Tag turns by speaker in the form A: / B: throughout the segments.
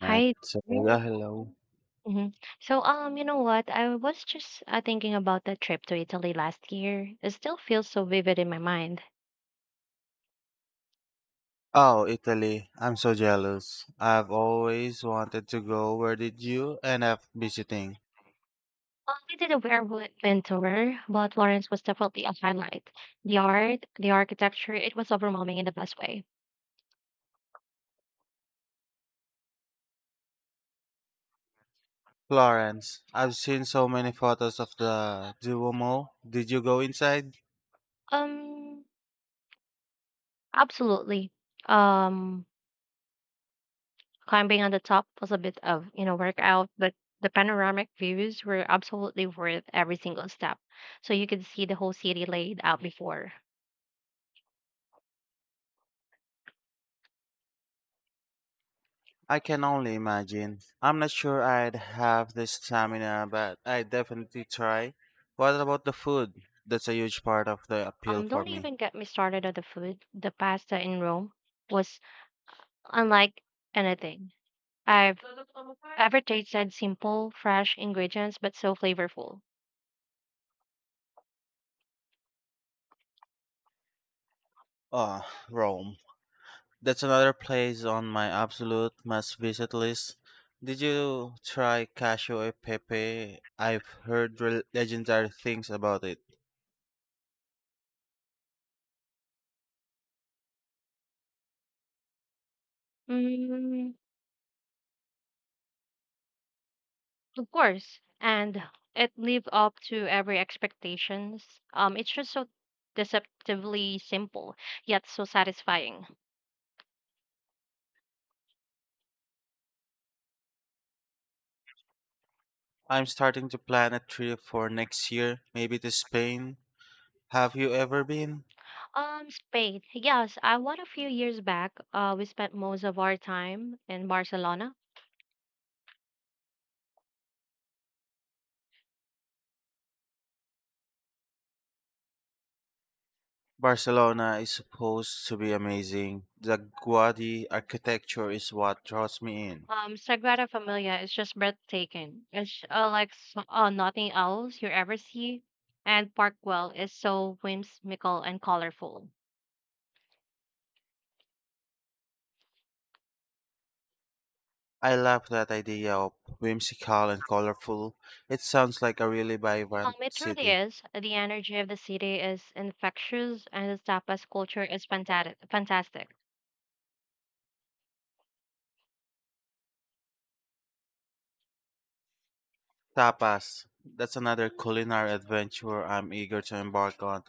A: Right.
B: Hi
A: So,
B: there.
A: yeah, hello.
B: Mhm. So, you know what? I was just thinking about the trip to Italy last year. It still feels so vivid in my mind.
A: Oh, Italy. I'm so jealous. I've always wanted to go. Where did you end up visiting?
B: Well, we did a whirlwind tour, but Florence was definitely a highlight. The art, the architecture, it was overwhelming in the best way.
A: Florence. I've seen so many photos of the Duomo. Did you go inside?
B: Um, absolutely. Um, climbing on the top was a bit of workout, but the panoramic views were absolutely worth every single step. So you could see the whole city laid out before.
A: I can only imagine. I'm not sure I'd have the stamina, but I definitely try. What about the food? That's a huge part of the appeal
B: Um,
A: for
B: don't
A: me.
B: even get me started on the food. The pasta in Rome was unlike anything I've ever tasted. Simple, fresh ingredients, but so flavorful.
A: Oh, Rome. That's another place on my absolute must visit list. Did you try Casio e Pepe? I've heard legendary things about it.
B: Mm, of course, and it lived up to every expectations. It's just so deceptively simple, yet so satisfying.
A: I'm starting to plan a trip for next year, maybe to Spain. Have you ever been?
B: Spain. Yes, I went a few years back. We spent most of our time in Barcelona.
A: Barcelona is supposed to be amazing. The Gaudi architecture is what draws me in.
B: Sagrada Familia is just breathtaking. It's like nothing else you ever see. And Parkwell is so whimsical and colorful.
A: I love that idea of whimsical and colorful. It sounds like a really
B: Um,
A: vibrant
B: it truly
A: city.
B: is. The energy of the city is infectious, and the tapas culture is fantastic. Fantastic.
A: Tapas. That's another culinary adventure I'm eager to embark on.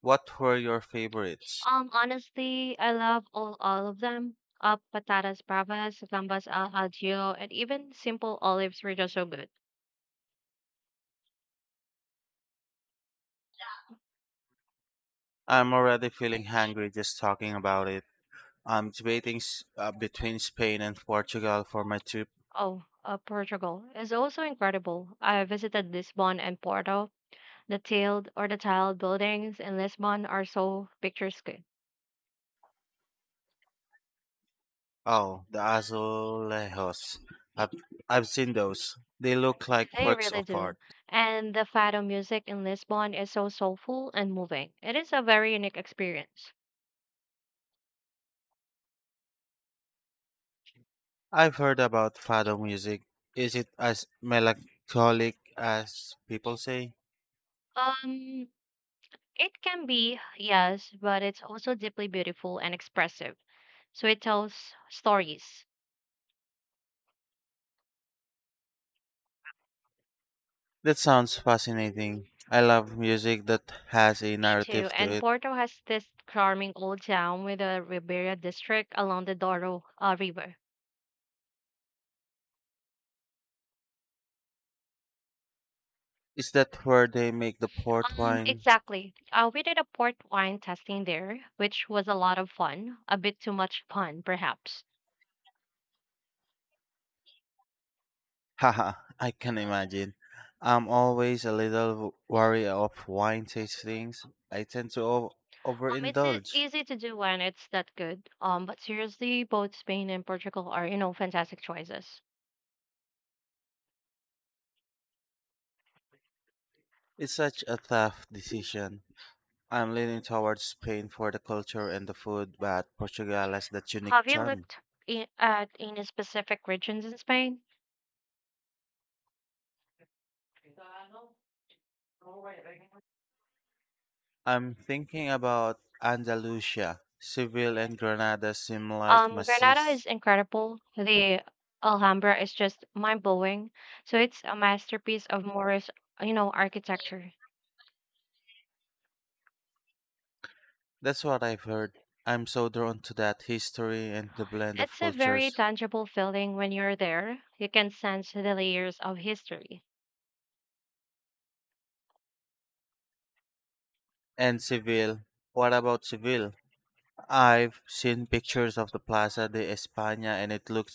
A: What were your favorites?
B: Honestly, I love all of them. Patatas bravas, gambas al ajillo, and even simple olives were just so good.
A: I'm already feeling hungry just talking about it. I'm debating between Spain and Portugal for my trip.
B: Oh, Portugal is also incredible. I visited Lisbon and Porto. The tiled buildings in Lisbon are so picturesque.
A: Oh, the azulejos. I've, I've seen those. They look like
B: They
A: works
B: really
A: of
B: do.
A: art.
B: And the fado music in Lisbon is so soulful and moving. It is a very unique experience.
A: I've heard about fado music. Is it as melancholic as people say?
B: Um, it can be, yes, but it's also deeply beautiful and expressive. So it tells stories.
A: That sounds fascinating. I love music that has a
B: Me too.
A: narrative to
B: And
A: it.
B: Porto has this charming old town with a Ribeira district along the Douro River.
A: Is that where they make the port
B: Um,
A: wine?
B: exactly. We did a port wine tasting there, which was a lot of fun. A bit too much fun, perhaps.
A: Haha, I can imagine. I'm always a little wary of wine tastings. I tend to
B: It's
A: overindulge.
B: easy to do when it's that good. But seriously, both Spain and Portugal are fantastic choices.
A: It's such a tough decision. I'm leaning towards Spain for the culture and the food, but Portugal has that unique
B: Have you
A: charm.
B: looked at any specific regions in Spain?
A: I'm thinking about Andalusia. Seville and Granada seem like
B: Granada
A: masses.
B: is incredible. The Alhambra is just mind blowing. So it's a masterpiece of Moorish architecture.
A: That's what I've heard. I'm so drawn to that history and the blend of
B: It's a very
A: cultures.
B: tangible feeling when you're there. You can sense the layers of history.
A: And Seville. What about Seville? I've seen pictures of the Plaza de España and it looks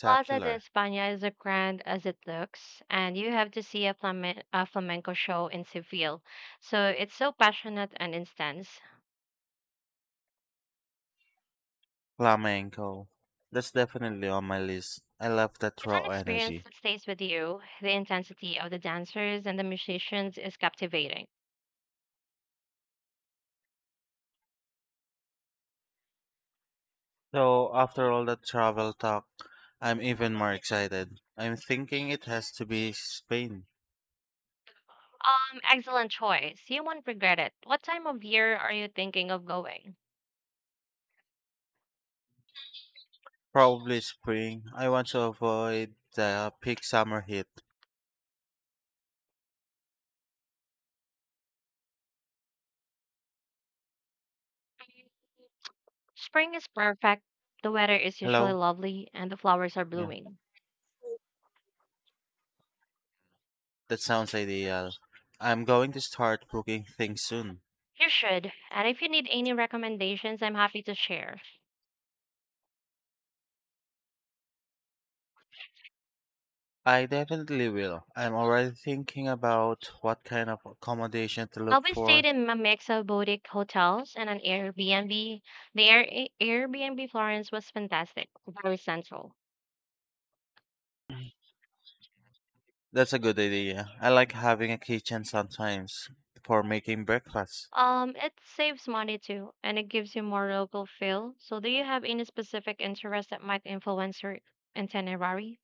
B: Plaza de España is as grand as it looks, and you have to see a flamenco show in Seville. So it's so passionate and intense.
A: Flamenco. That's definitely on my list. I love that
B: It's an
A: raw
B: experience
A: energy.
B: that stays with you. The intensity of the dancers and the musicians is captivating.
A: So, after all that travel talk, I'm even more excited. I'm thinking it has to be Spain.
B: Excellent choice. You won't regret it. What time of year are you thinking of going?
A: Probably spring. I want to avoid the peak summer heat.
B: Spring is perfect. The weather is usually
A: Hello?
B: lovely and the flowers are
A: Yeah,
B: blooming.
A: that sounds ideal. I'm going to start booking things soon.
B: You should. And if you need any recommendations, I'm happy to share.
A: I definitely will. I'm already thinking about what kind of accommodation to look
B: Alvin stayed
A: for.
B: in a mix of boutique hotels and an Airbnb. The Airbnb Florence was fantastic, very central.
A: That's a good idea. I like having a kitchen sometimes for making breakfast.
B: It saves money too, and it gives you more local feel. So, do you have any specific interest that might influence your itinerary?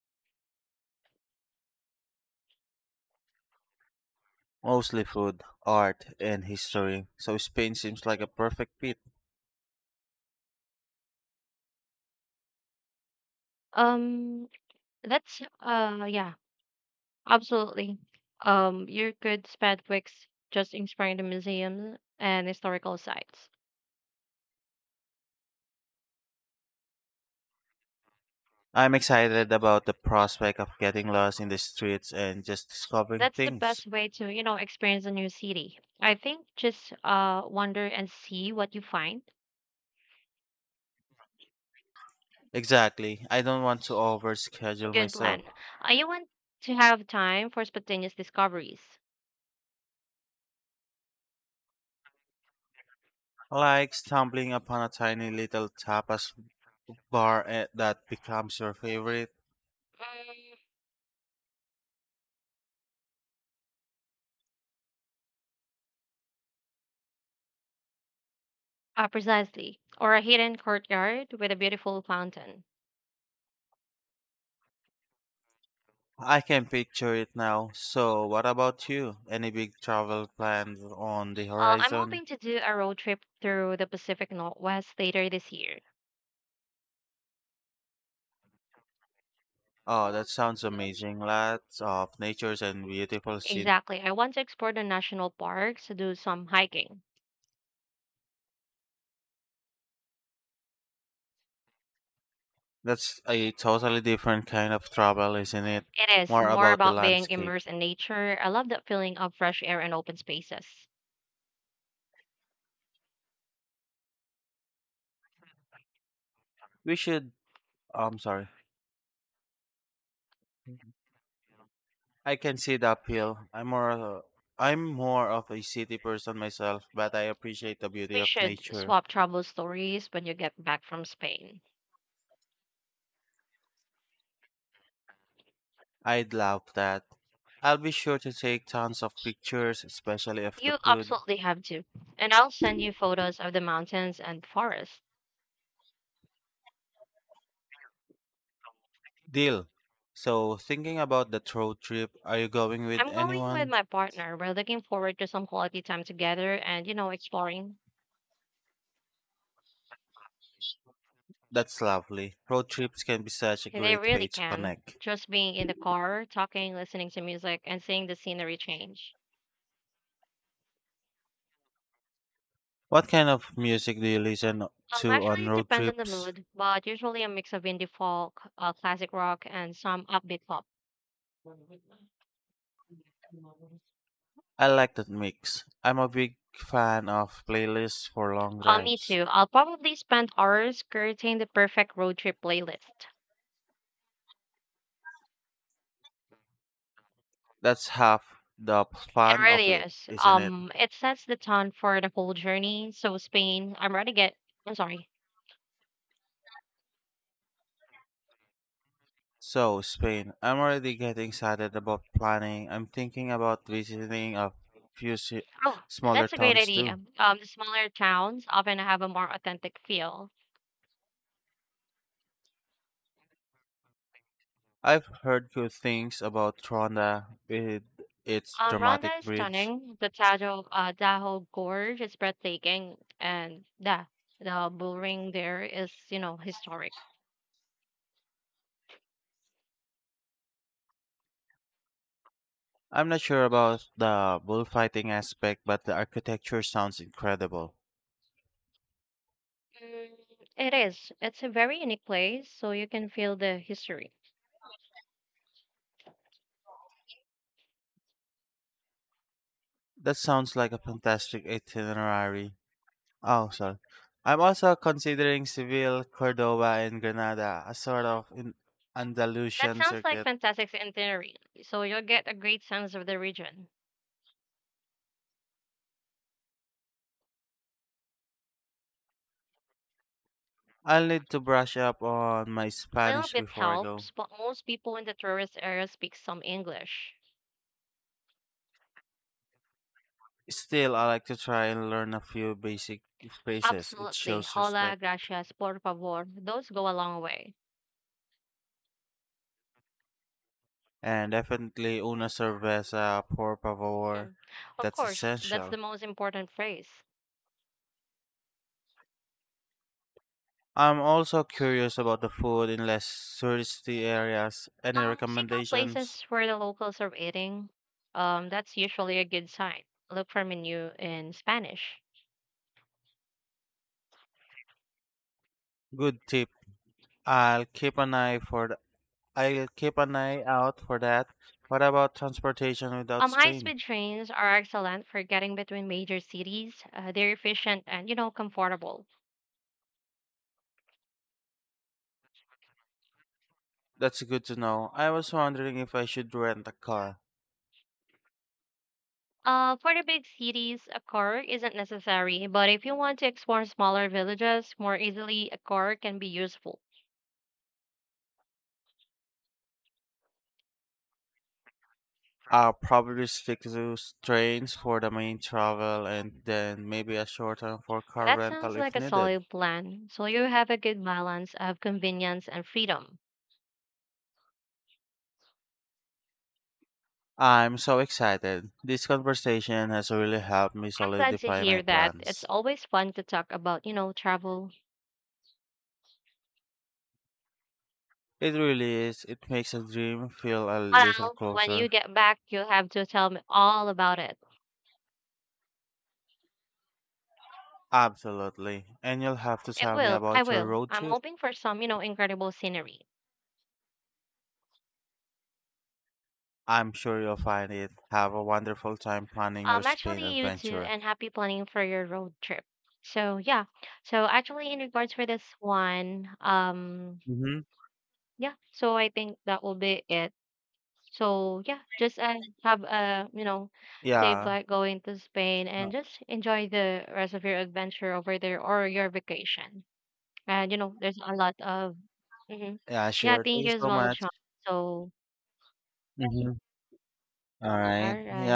A: Mostly food, art, and history, so Spain seems like a perfect fit.
B: Um, that's Yeah, absolutely. You could spend weeks just exploring the museums and historical sites.
A: I'm excited about the prospect of getting lost in the streets and just discovering
B: That's the
A: things.
B: best way to experience a new city. I think just wander and see what you find.
A: Exactly. I don't want to overschedule
B: Good
A: myself.
B: plan. You want to have time for spontaneous discoveries.
A: Like stumbling upon a tiny little tapas bar eh, that becomes your favorite.
B: Mm, precisely. Or a hidden courtyard with a beautiful fountain.
A: I can picture it now. So, what about you? Any big travel plans on the
B: I'm
A: horizon?
B: hoping to do a road trip through the Pacific Northwest later this year.
A: Oh, that sounds amazing. Lots of natures and beautiful scenery.
B: Exactly. I want to explore the national parks to do some hiking.
A: That's a totally different kind of travel, isn't it?
B: It is
A: More
B: more
A: about the
B: about being
A: landscape.
B: immersed in nature. I love that feeling of fresh air and open spaces.
A: We should. I'm sorry. I can see the appeal. I'm more of a city person myself, but I appreciate the beauty
B: We
A: of
B: should
A: nature.
B: swap travel stories when you get back from Spain.
A: I'd love that. I'll be sure to take tons of pictures, especially of the
B: You
A: food.
B: absolutely have to. And I'll send you photos of the mountains and forests.
A: Deal. So, thinking about that road trip, are you going with
B: I'm going with
A: anyone?
B: my partner. We're looking forward to some quality time together and exploring.
A: That's lovely. Road trips can be such a
B: They
A: great way
B: really
A: to
B: can.
A: connect.
B: Just being in the car, talking, listening to music, and seeing the scenery change.
A: What kind of music do you listen
B: Um,
A: to
B: actually,
A: on
B: it
A: road
B: depends on the
A: trips?
B: mood, but usually a mix of indie folk, classic rock, and some upbeat pop.
A: I like that mix. I'm a big fan of playlists for long
B: Me
A: drives.
B: too. I'll probably spend hours curating the perfect road trip playlist.
A: That's half the
B: It
A: fun of
B: really
A: it,
B: is.
A: isn't it?
B: It sets the tone for the whole journey. So Spain, I'm ready to get. I'm sorry.
A: So, Spain, I'm already getting excited about planning. I'm thinking about visiting a few ci-
B: Oh,
A: smaller
B: that's a great
A: towns
B: idea.
A: too.
B: The smaller towns often have a more authentic feel.
A: I've heard good things about Tronda with its
B: Ronda
A: dramatic
B: is
A: bridge.
B: stunning. The Tahoe Gorge is breathtaking, and yeah, the bullring there is historic.
A: I'm not sure about the bullfighting aspect, but the architecture sounds incredible.
B: Mm, it is. It's a very unique place, so you can feel the history.
A: That sounds like a fantastic itinerary. Oh, sorry. I'm also considering Seville, Cordoba, and Granada, a sort of in
B: That
A: Andalusian
B: sounds like
A: circuit.
B: fantastic itinerary. So you'll get a great sense of the region.
A: I'll need to brush up on my
B: A little
A: Spanish
B: bit
A: before I go.
B: helps, but most people in the tourist area speak some English.
A: Still, I like to try and learn a few basic phrases. It
B: Absolutely.
A: shows
B: Hola,
A: respect.
B: gracias, por favor. Those go a long way.
A: And definitely una cerveza, por favor.
B: Hmm. Of
A: That's
B: course, that's the
A: essential.
B: most important phrase.
A: I'm also curious about the food in less touristy areas. Any
B: Seek out
A: recommendations?
B: places where the locals are eating. That's usually a good sign. Look for menu in Spanish.
A: Good tip. I'll keep an eye for th- I'll keep an eye out for that. What about transportation without
B: Um,
A: Spain?
B: high-speed trains are excellent for getting between major cities. They're efficient and comfortable.
A: That's good to know. I was wondering if I should rent a car.
B: For the big cities, a car isn't necessary, but if you want to explore smaller villages more easily, a car can be useful.
A: I'll probably stick to trains for the main travel and then maybe a short term for car
B: That sounds
A: rental
B: like
A: if
B: a
A: needed.
B: solid plan, so you have a good balance of convenience and freedom.
A: I'm so excited. This conversation has really helped me
B: I'm glad to
A: solidify my
B: hear that. It's
A: plans.
B: always fun to talk about travel.
A: It really is. It makes a dream feel a little
B: Well, when
A: closer.
B: you get back, you'll have to tell me all about it.
A: Absolutely. And you'll have to
B: It
A: tell me
B: will. I
A: about your
B: will.
A: road
B: I'm
A: trip.
B: hoping for some incredible scenery.
A: I'm sure you'll find it. Have a wonderful time planning your
B: Um,
A: Spain
B: actually, you too,
A: adventure.
B: and happy planning for your road trip. So yeah, so actually, in regards for this one,
A: Mm-hmm.
B: yeah, so I think that will be it. So yeah, just have a safe
A: Yeah.
B: flight going to Spain,
A: Uh,
B: and just enjoy the rest of your adventure over there or your vacation. And there's a lot of, hmm
A: Yeah,
B: yeah.
A: sure. Thank
B: Thank
A: you
B: you as
A: so
B: well,
A: much.
B: John. So
A: Mm-hmm. All
B: all
A: right.
B: right.
A: Yeah,